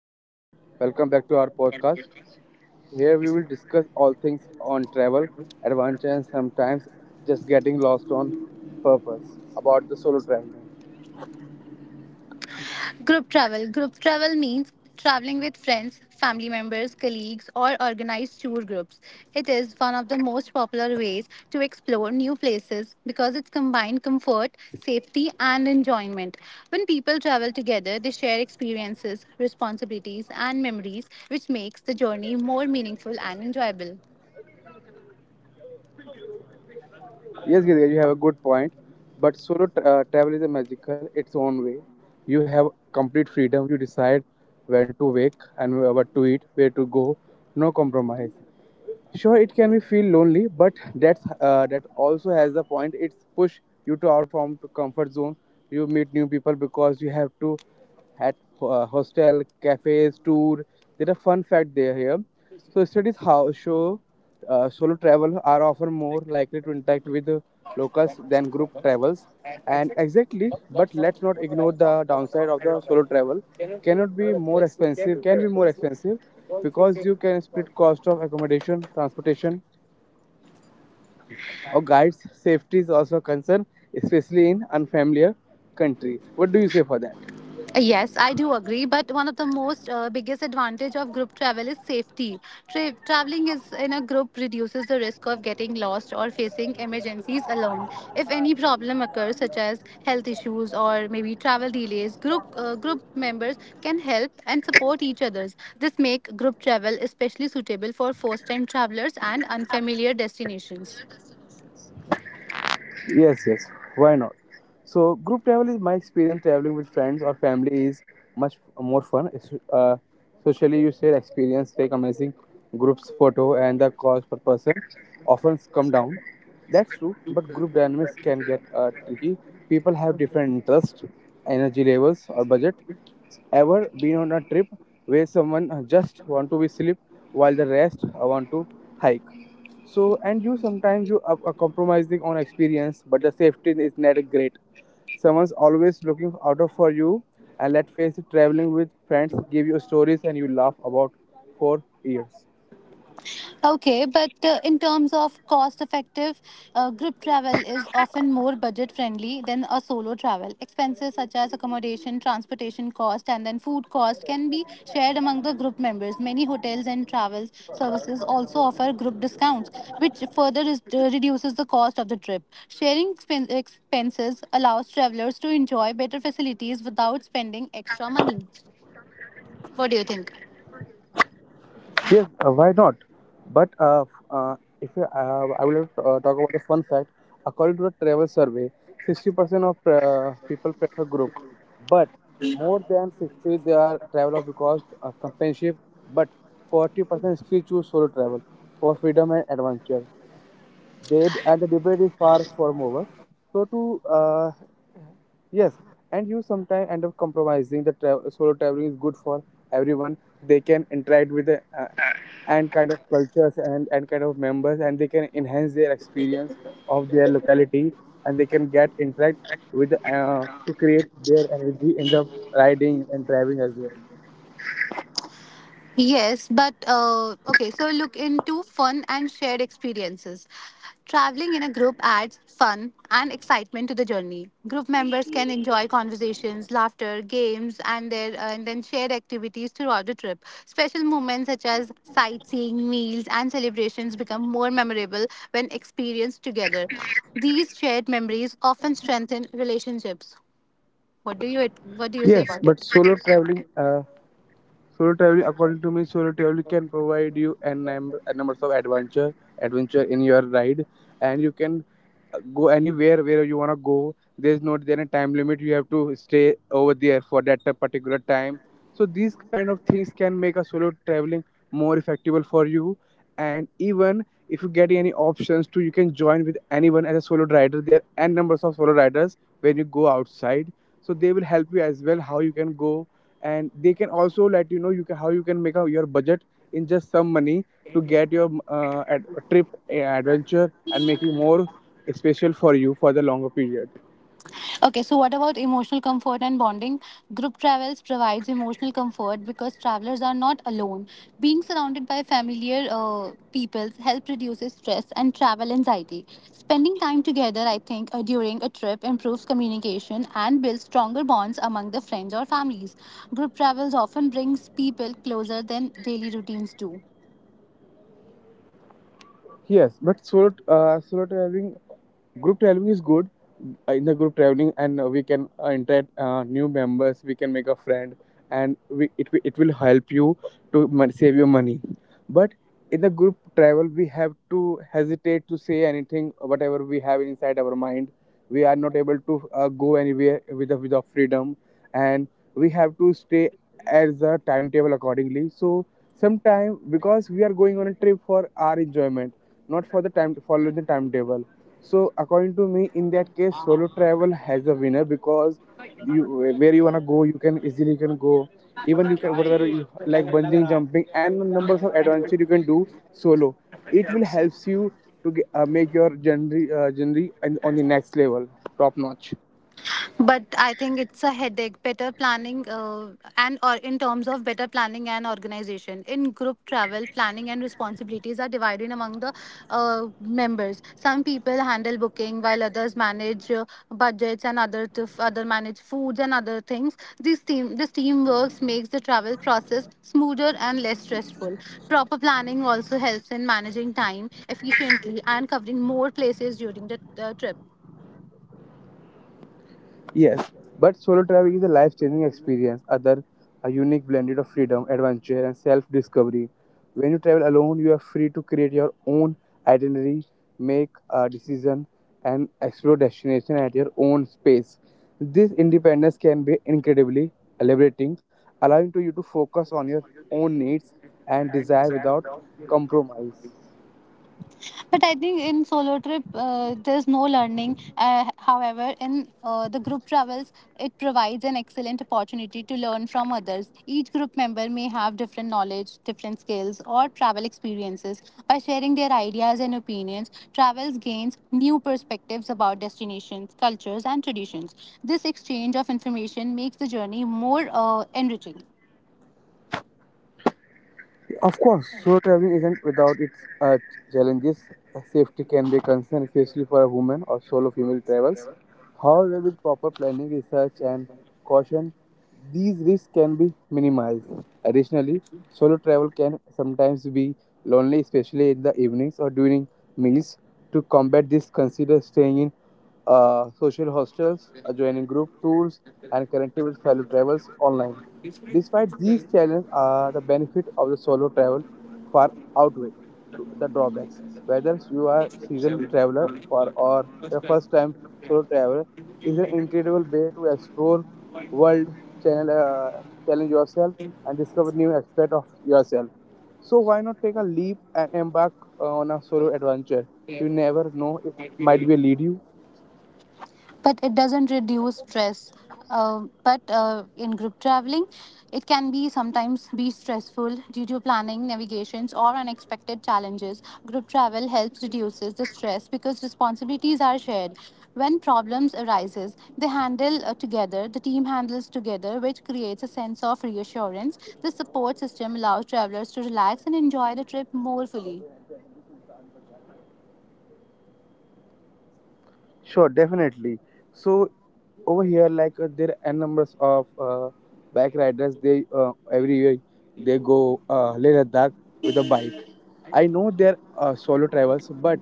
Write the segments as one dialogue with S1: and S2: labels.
S1: Hello everyone, welcome back to our podcast. Here we will discuss all things on travel, adventure, and sometimes just getting lost on purpose about the solo traveling.
S2: Group travel. Group travel means traveling with friends, family members, colleagues, or organized tour groups. It is one of the most popular ways to explore new places because it combines comfort, safety, and enjoyment. When people travel together, they share experiences, responsibilities, and memories, which makes the journey more meaningful and enjoyable.
S1: Yes, Girija, you have a good point, but travel is a magical its own way. You have complete freedom. You decide when to wake and what to eat, where to go. No compromise. Sure it can be feel lonely, but that's, that also has the point. It's push you to out from comfort zone. You meet new people because you have to at hostel cafes tour. There are fun fact there here. So studies how show solo travel are often more likely to interact with locals than group travels. And exactly, but let's not ignore the downside of the solo travel. Cannot be more expensive, Can be more expensive because you can split cost of accommodation, transportation, or guides. Safety is also a concern, especially in unfamiliar countries. What do you say for that?
S2: Yes, I do agree. But one of the most biggest advantage of group travel is safety. Traveling is in a group reduces the risk of getting lost or facing emergencies alone. If any problem occurs, such as health issues or maybe travel delays, group members can help and support each others. This make group travel especially suitable for first time travelers and unfamiliar destinations.
S1: Yes, yes. Why not? So, group travel is my experience. Traveling with friends or family is much more fun. Socially, you share experience, take amazing groups photo, and the cost per person often come down. That's true, but group dynamics can get tricky. People have different interests, energy levels, or budget. Ever been on a trip where someone just want to be sleep while the rest want to hike? So, and you sometimes you are compromising on experience, but the safety is not great. Someone's always looking out of for you, and let's face it, traveling with friends give you stories and you laugh about for years.
S2: Okay, but in terms of cost effective, group travel is often more budget friendly than a solo travel. Expenses such as accommodation, transportation cost, and then food cost can be shared among the group members. Many hotels and travel services also offer group discounts, which further is, reduces the cost of the trip. Sharing expenses allows travelers to enjoy better facilities without spending extra money. What do you think?
S1: Yes, why not? But if I will talk about a fun fact. According to a travel survey, 60% of people prefer group, but more than 60 they are travelers because companionship. But 40% still choose solo travel for freedom and adventure. They and the debate is far from over, so to yes, and you sometimes end up compromising solo traveling is good for everyone. They can interact with the and kind of cultures and kind of members, and they can enhance their experience of their locality, and they can get interact with to create their energy in the riding and driving as well.
S2: Yes, but okay, so look into fun and shared experiences. Traveling in a group adds fun and excitement to the journey. Group members can enjoy conversations, laughter, games, and their and then shared activities throughout the trip. Special moments such as sightseeing, meals, and celebrations become more memorable when experienced together. These shared memories often strengthen relationships. What do you say
S1: Yes
S2: about
S1: but
S2: it?
S1: solo traveling Solo travel, according to me, solo travel can provide you n number, n numbers of adventure, adventure in your ride, and you can go anywhere where you wanna go. There's not there any time limit. You have to stay over there for that particular time. So these kind of things can make a solo traveling more effective for you. And even if you get any options too, you can join with anyone as a solo rider. There are n numbers of solo riders when you go outside, so they will help you as well how you can go, and they can also let you know you can, how you can make out your budget in just some money to get your trip adventure, and making more special for you for the longer period.
S2: Okay, so what about emotional comfort and bonding? Group travels provides emotional comfort because travelers are not alone. Being surrounded by familiar peoples help reduces stress and travel anxiety. Spending time together, I think, during a trip improves communication and builds stronger bonds among the friends or families. Group travels often brings people closer than daily routines do.
S1: Yes but solo solo traveling Group traveling is good. In the group traveling and we can interact new members. We can make a friend, and it will help you save your money. But in the group travel we have to hesitate to say anything whatever we have inside our mind. We are not able to go anywhere with with the freedom, and we have to stay as a timetable accordingly. So sometime because we are going on a trip for our enjoyment, not for the time follow the timetable. So according to me, in that case, solo travel has a winner because you where you wanna go, you can easily can go. Even you can whatever you like bungee jumping and numbers of adventure you can do solo. It will helps you to get, make your journey and on the next level, top notch.
S2: But I think it's a headache. Better planning, and or in terms of better planning and organization in group travel, planning and responsibilities are divided among the members. Some people handle booking, while others manage budgets, and other to other manage foods and other things. This teamwork makes the travel process smoother and less stressful. Proper planning also helps in managing time efficiently and covering more places during the trip.
S1: Yes, but solo traveling is a life changing experience, other a unique blend of freedom, adventure, and self discovery. When you travel alone, you are free to create your own itinerary, make a decision, and explore destination at your own pace. This independence can be incredibly liberating, allowing to you to focus on your own needs and desire without compromise.
S2: But I think in solo trip, there's no learning. However, in the group travels, it provides an excellent opportunity to learn from others. Each group member may have different knowledge, different skills, or travel experiences. By sharing their ideas and opinions, travels gains new perspectives about destinations, cultures, and traditions. This exchange of information makes the journey more enriching.
S1: Of course, solo traveling isn't without its challenges. Safety can be a concern, especially for a woman or solo female travels. However, with proper planning, research, and caution, these risks can be minimized. Additionally, solo travel can sometimes be lonely, especially in the evenings or during meals. To combat this, consider staying in social hostels, joining group tours, and connecting with fellow travelers online. Despite these challenges, the benefit of the solo travel far outweigh the drawbacks. Whether you are seasoned traveler for or a first time solo traveler, is an incredible way to explore world, channel, challenge yourself, and discover new aspect of yourself. So why not take a leap and embark on a solo adventure? You never know; it might be lead you.
S2: But it doesn't reduce stress. But In group traveling, it can be sometimes be stressful due to planning, navigations, or unexpected challenges. Group travel helps reduces the stress because responsibilities are shared. When problems arises, they handle together. The team handles together, which creates a sense of reassurance. The support system allows travelers to relax and enjoy the trip more fully.
S1: Sure, definitely. So over here, like there are n numbers of bike riders. They every year they go Leh Ladakh with a bike. I know they're solo travels, but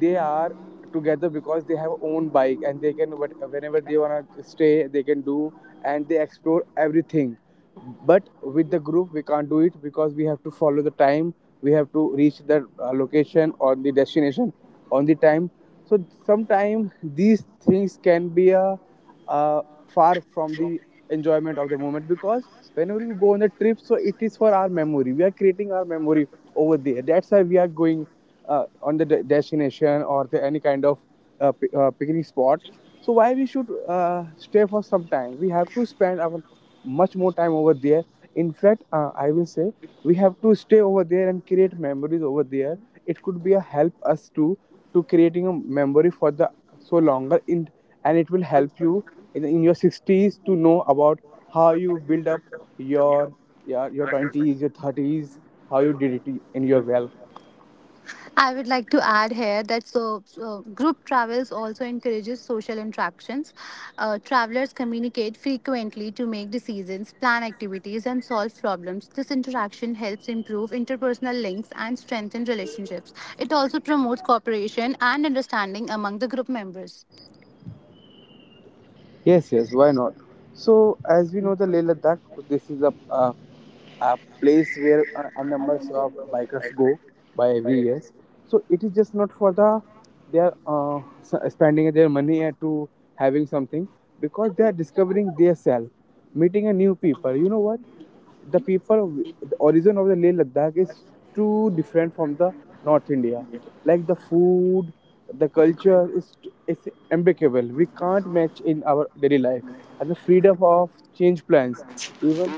S1: they are together because they have own bike and they can whenever they wanna stay, they can do, and they explore everything. But with the group, we can't do it because we have to follow the time. We have to reach the location or the destination on the time. So sometimes these things can be uh, far from the enjoyment of the moment, because whenever we go on a trip, so it is for our memory. We are creating our memory over there. That's why we are going on the destination, or the any kind of picnic spot. So why we should stay for some time. We have to spend our much more time over there. In fact, I will say, we have to stay over there and create memories over there. It could be a help us to creating a memory for the so longer in, and it will help you in your 60s to know about how you build up your your 20s, your 30s, how you did it in your well.
S2: I would like to add here that so group travels also encourages social interactions. Travelers communicate frequently to make decisions, plan activities, and solve problems. This interaction helps improve interpersonal links and strengthen relationships. It also promotes cooperation and understanding among the group members.
S1: Yes, yes, why not? So, as we know, the Leh Ladakh, this is a place where a numbers of bikers go by every year. So, it is just not for the they are spending their money at to having something, because they are discovering their self, meeting a new people. You know what? The people, the origin of the Leh Ladakh is too different from the North India, like the food, the culture is impeccable. We can't match in our daily life. And the freedom of change plans, even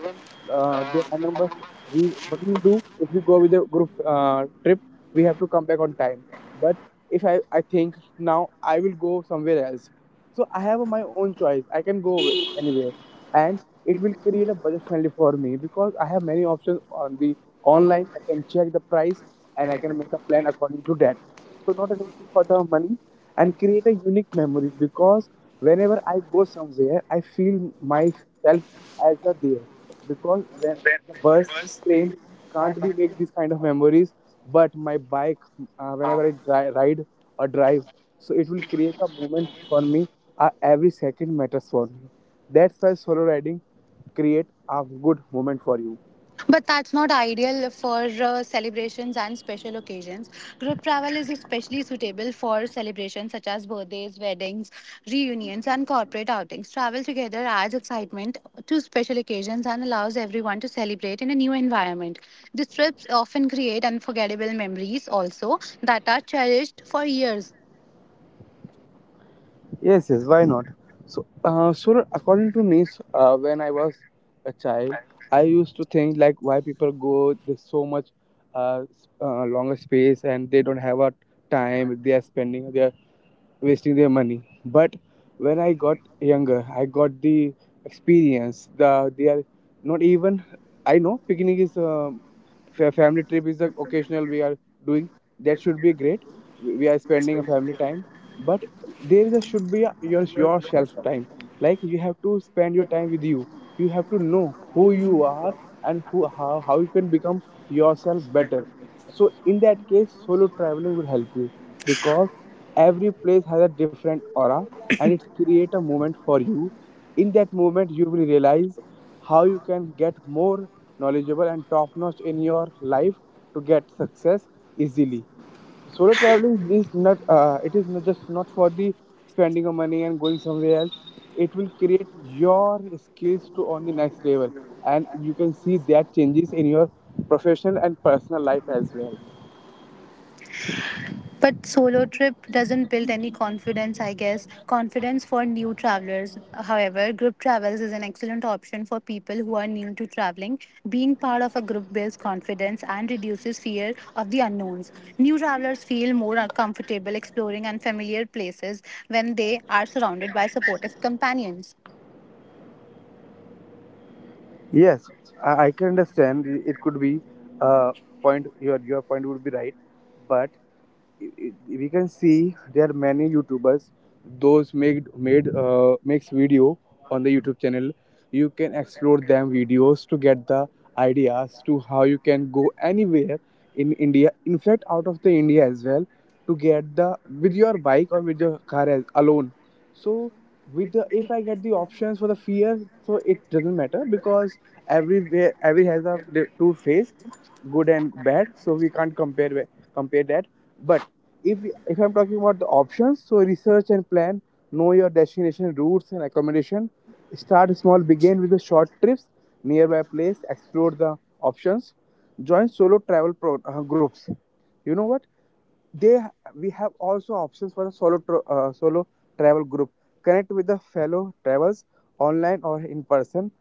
S1: the numbers, we what we do if we go with a group trip, we have to come back on time. But if I think now I will go somewhere else, so I have my own choice. I can go anywhere, and it will create a budget friendly for me because I have many options on the online. I can check the price, and I can make a plan according to that. So not an issue for the money, and create a unique memories, because whenever I go somewhere, I feel myself as a there, because when the bus, train can't be make these kind of memories, but my bike, ride or drive, so it will create a moment for me. Every second matters for me. That's why solo riding create a good moment for you.
S2: But that's not ideal for celebrations and special occasions. Group travel is especially suitable for celebrations such as birthdays, weddings, reunions, and corporate outings. Travel together adds excitement to special occasions and allows everyone to celebrate in a new environment. These trips often create unforgettable memories also that are cherished for years.
S1: Yes, yes, why not? So, according to me, when I was a child, I used to think like why people go this so much, longer space, and they don't have a time. They are spending their, wasting their money. But when I got younger, I got the experience. The they are not even. I know picnic is a family trip is the occasional we are doing. That should be great. We are spending a family time, but there is should be your shelf time. Like you have to spend your time with you. You have to know who you are, and who how you can become yourself better. So in that case, solo traveling will help you, because every place has a different aura, and it create a moment for you. In that moment, you will realize how you can get more knowledgeable and top notch in your life to get success easily. Solo traveling is not it is not just not for the spending of money and going somewhere else. It will create your skills to on the next level, and you can see that changes in your professional and personal life as well.
S2: But solo trip doesn't build any confidence, I guess. Confidence for new travelers. However, group travels is an excellent option for people who are new to traveling. Being part of a group builds confidence and reduces fear of the unknowns. New travelers feel more comfortable exploring unfamiliar places when they are surrounded by supportive companions.
S1: Yes, I can understand. It could be uh, point. Your point would be right, but can see there are many YouTubers those made made makes video on the YouTube channel. You can explore them videos to get the ideas to how you can go anywhere in India. In fact, out of the India as well to get the with your bike or with your car as, alone. So with the if I get the options for the fear, so it doesn't matter because everywhere every has a two face, good and bad, so we can't compare that. But if I'm talking about the options, so research and plan, know your destination routes and accommodation. Start small, begin with the short trips, nearby place, explore the options. Join solo groups. You know what, they we have also options for a solo travel group. Connect with the fellow travels online or in person.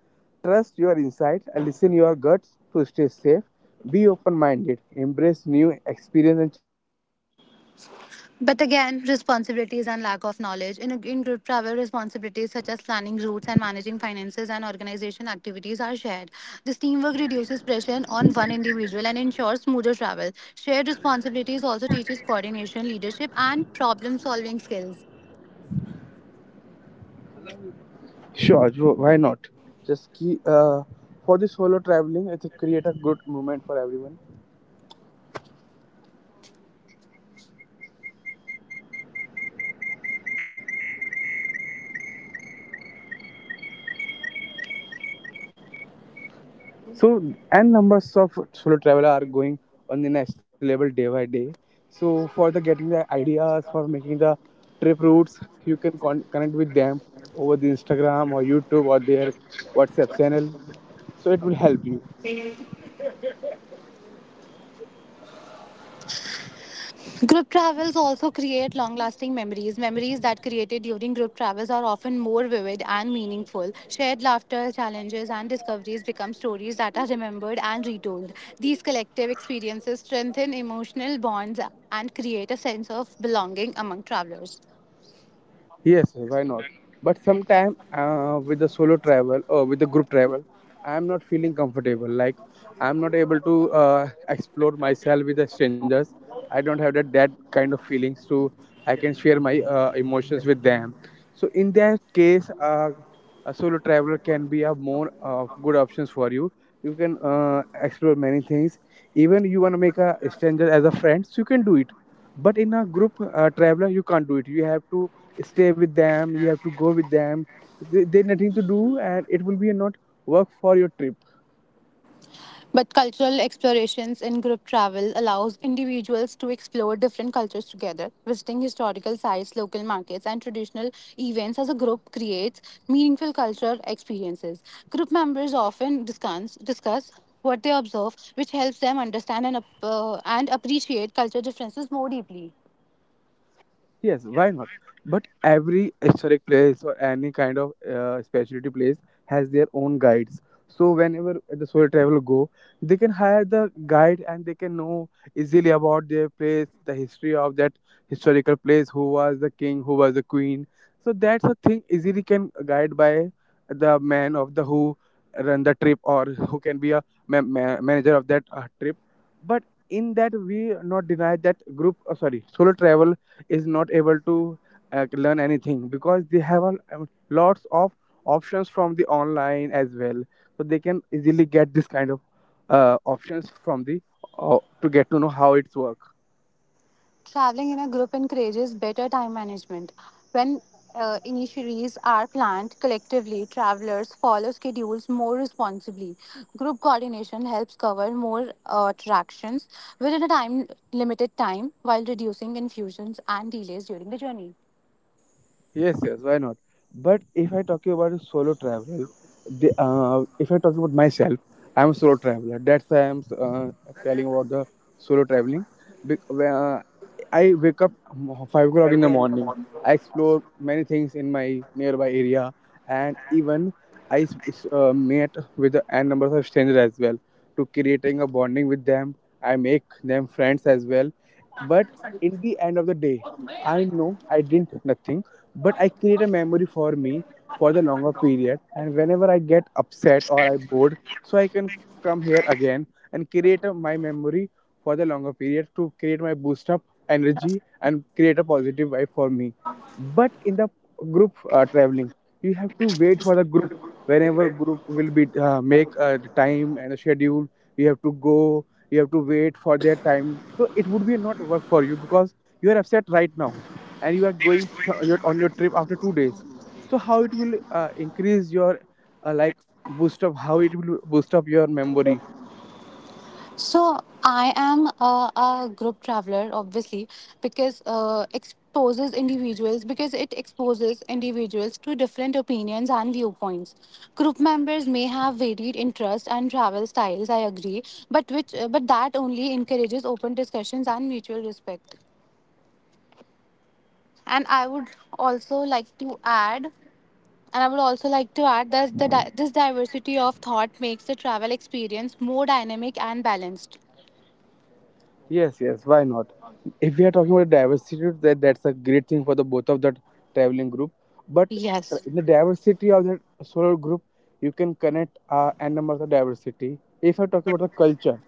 S1: Trust your insights and listen your guts to stay safe. Be open minded, embrace new experience, and
S2: But again, responsibilities and lack of knowledge. In group travel, responsibilities such as planning routes and managing finances and organization activities are shared. This teamwork reduces pressure on one individual and ensures smoother travel. Shared responsibilities also teaches coordination, leadership, and problem solving skills.
S3: Sure, sure, why not? Just key, uh, for the solo traveling, it's a create a good moment for everyone. And numbers of solo traveler are going on the next level day by day. So, for the getting the ideas for making the trip routes, you can connect with them over the Instagram or YouTube or their WhatsApp channel. So, it will help you.
S2: Group travels also create long lasting memories. Memories that created during group travels are often more vivid and meaningful. Shared laughter, challenges, and discoveries become stories that are remembered and retold. These collective experiences strengthen emotional bonds and create a sense of belonging among travelers.
S3: Yes, why not? But sometime with the solo travel or with the group travel, I am not feeling comfortable. Like I am not able to explore myself with the strangers. I don't have that kind of feelings to I can share my emotions with them. So in that case, a solo traveler can be a more good options for you. You can explore many things. Even you want to make a stranger as a friend, so you can do it. But in a group traveler, you can't do it. You have to stay with them. You have to go with them. They nothing to do and it will be a not work for your trip.
S2: But cultural explorations in group travel allows individuals to explore different cultures together. Visiting historical sites, local markets, and traditional events as a group creates meaningful cultural experiences. Group members often discuss what they observe, which helps them understand and appreciate cultural differences more deeply.
S3: Yes, why not? But every historic place or any kind of specialty place has their own guides. So whenever the solo traveler go, they can hire the guide and they can know easily about their place, the history of that historical place, who was the king, who was the queen. So that's a thing easily can guide by the man of the who run the trip or who can be a manager of that trip. But in that we not deny that solo travel is not able to learn anything because they have a, lots of options from the online as well, so they can easily get this kind of options from the to get to know how it's work.
S2: Traveling in a group encourages better time management. When initiatives are planned collectively, travelers follow schedules more responsibly. Group coordination helps cover more attractions within a time limited time while reducing confusions and delays during the journey.
S3: Yes, yes, why not? But if I talk about a solo travel, if I talk about myself, I'm a solo traveler. That's why I'm telling about the solo traveling. Bec- uh, I wake up 5 o'clock in the morning. I explore many things in my nearby area, and even I meet with the n numbers of strangers as well to creating a bonding with them. I make them friends as well. But in the end of the day, I know I didn't nothing, but I create a memory for me for the longer period. And whenever I get upset or I bored, so I can come here again and create a, my memory for the longer period to create my boost up energy and create a positive vibe for me. But in the group traveling, you have to wait for the group. Whenever group will be make the time and the schedule, you have to go. You have to wait for their time. So it would be not work for you because you are upset right now and you are going your on your trip after 2 days, so how it will increase your like boost up, how it will boost up your memory?
S2: So I am a group traveler, obviously, because it exposes individuals to different opinions and viewpoints. Group members may have varied interests and travel styles. I agree, but which but that only encourages open discussions and mutual respect. And I would also like to add. And I would also like to add that this diversity of thought makes the travel experience more dynamic and balanced.
S3: Yes, yes, why not? If we are talking about diversity, that's a great thing for the both of that traveling group. But
S2: Yes.
S3: in the diversity of that solo group, you can connect n numbers of diversity. If I are talking about the culture,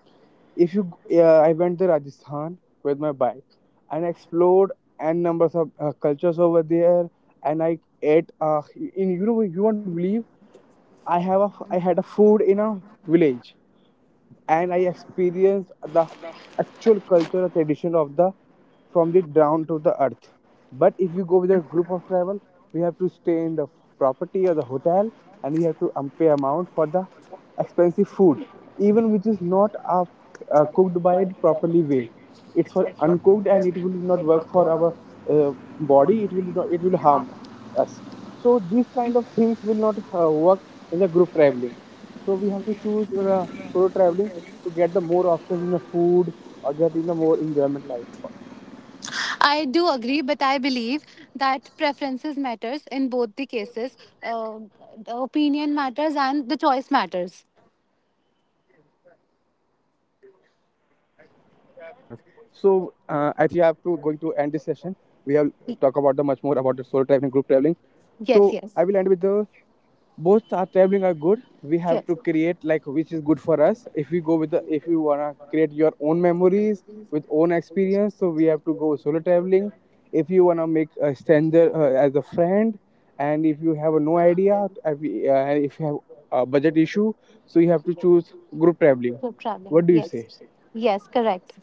S3: if I went to Rajasthan with my bike and explored and numbers of cultures over there, and I ate. In you know you won't believe, I I had a food in a village, and I experienced the actual culture or tradition of the from the ground to the earth. But if you go with a group of travel, we have to stay in the property or the hotel, and we have to pay amount for the expensive food, even which is not cooked by it properly way. It's for uncooked and it will not work for our uh, body. It will not, it will harm us. So these kind of things will not work in the group traveling. So we have to choose the solo traveling to get the more options in the food or get in the more enjoyment life.
S2: I do agree, but I believe that preferences matters in both the cases. The opinion matters and the choice matters.
S3: Yes, yes, why not? Why not? So I think we have to going to end this session. We have talk about the much more about
S2: Y-
S3: the solo traveling, group traveling. So I will
S2: Yes,
S3: end with
S2: yes,
S3: the both are traveling are good. We have to
S2: yes.
S3: create like which is good for us. If we go with the if you want to create your own memories with own experience, so we have to go solo traveling. If you want to make a stranger as a friend, and if you have no idea, if if you have a budget issue, so you have to choose group traveling.
S2: Group
S3: What
S2: traveling.
S3: do you say?
S2: Yes, yes, correct.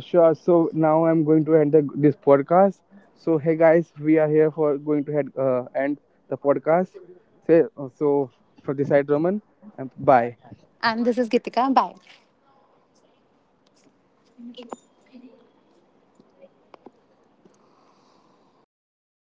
S3: Sure. So now I'm going to end this podcast. So hey guys, we are here for going to end the podcast. Say so for this side Roman and bye.
S2: And this is Gitika. Bye. And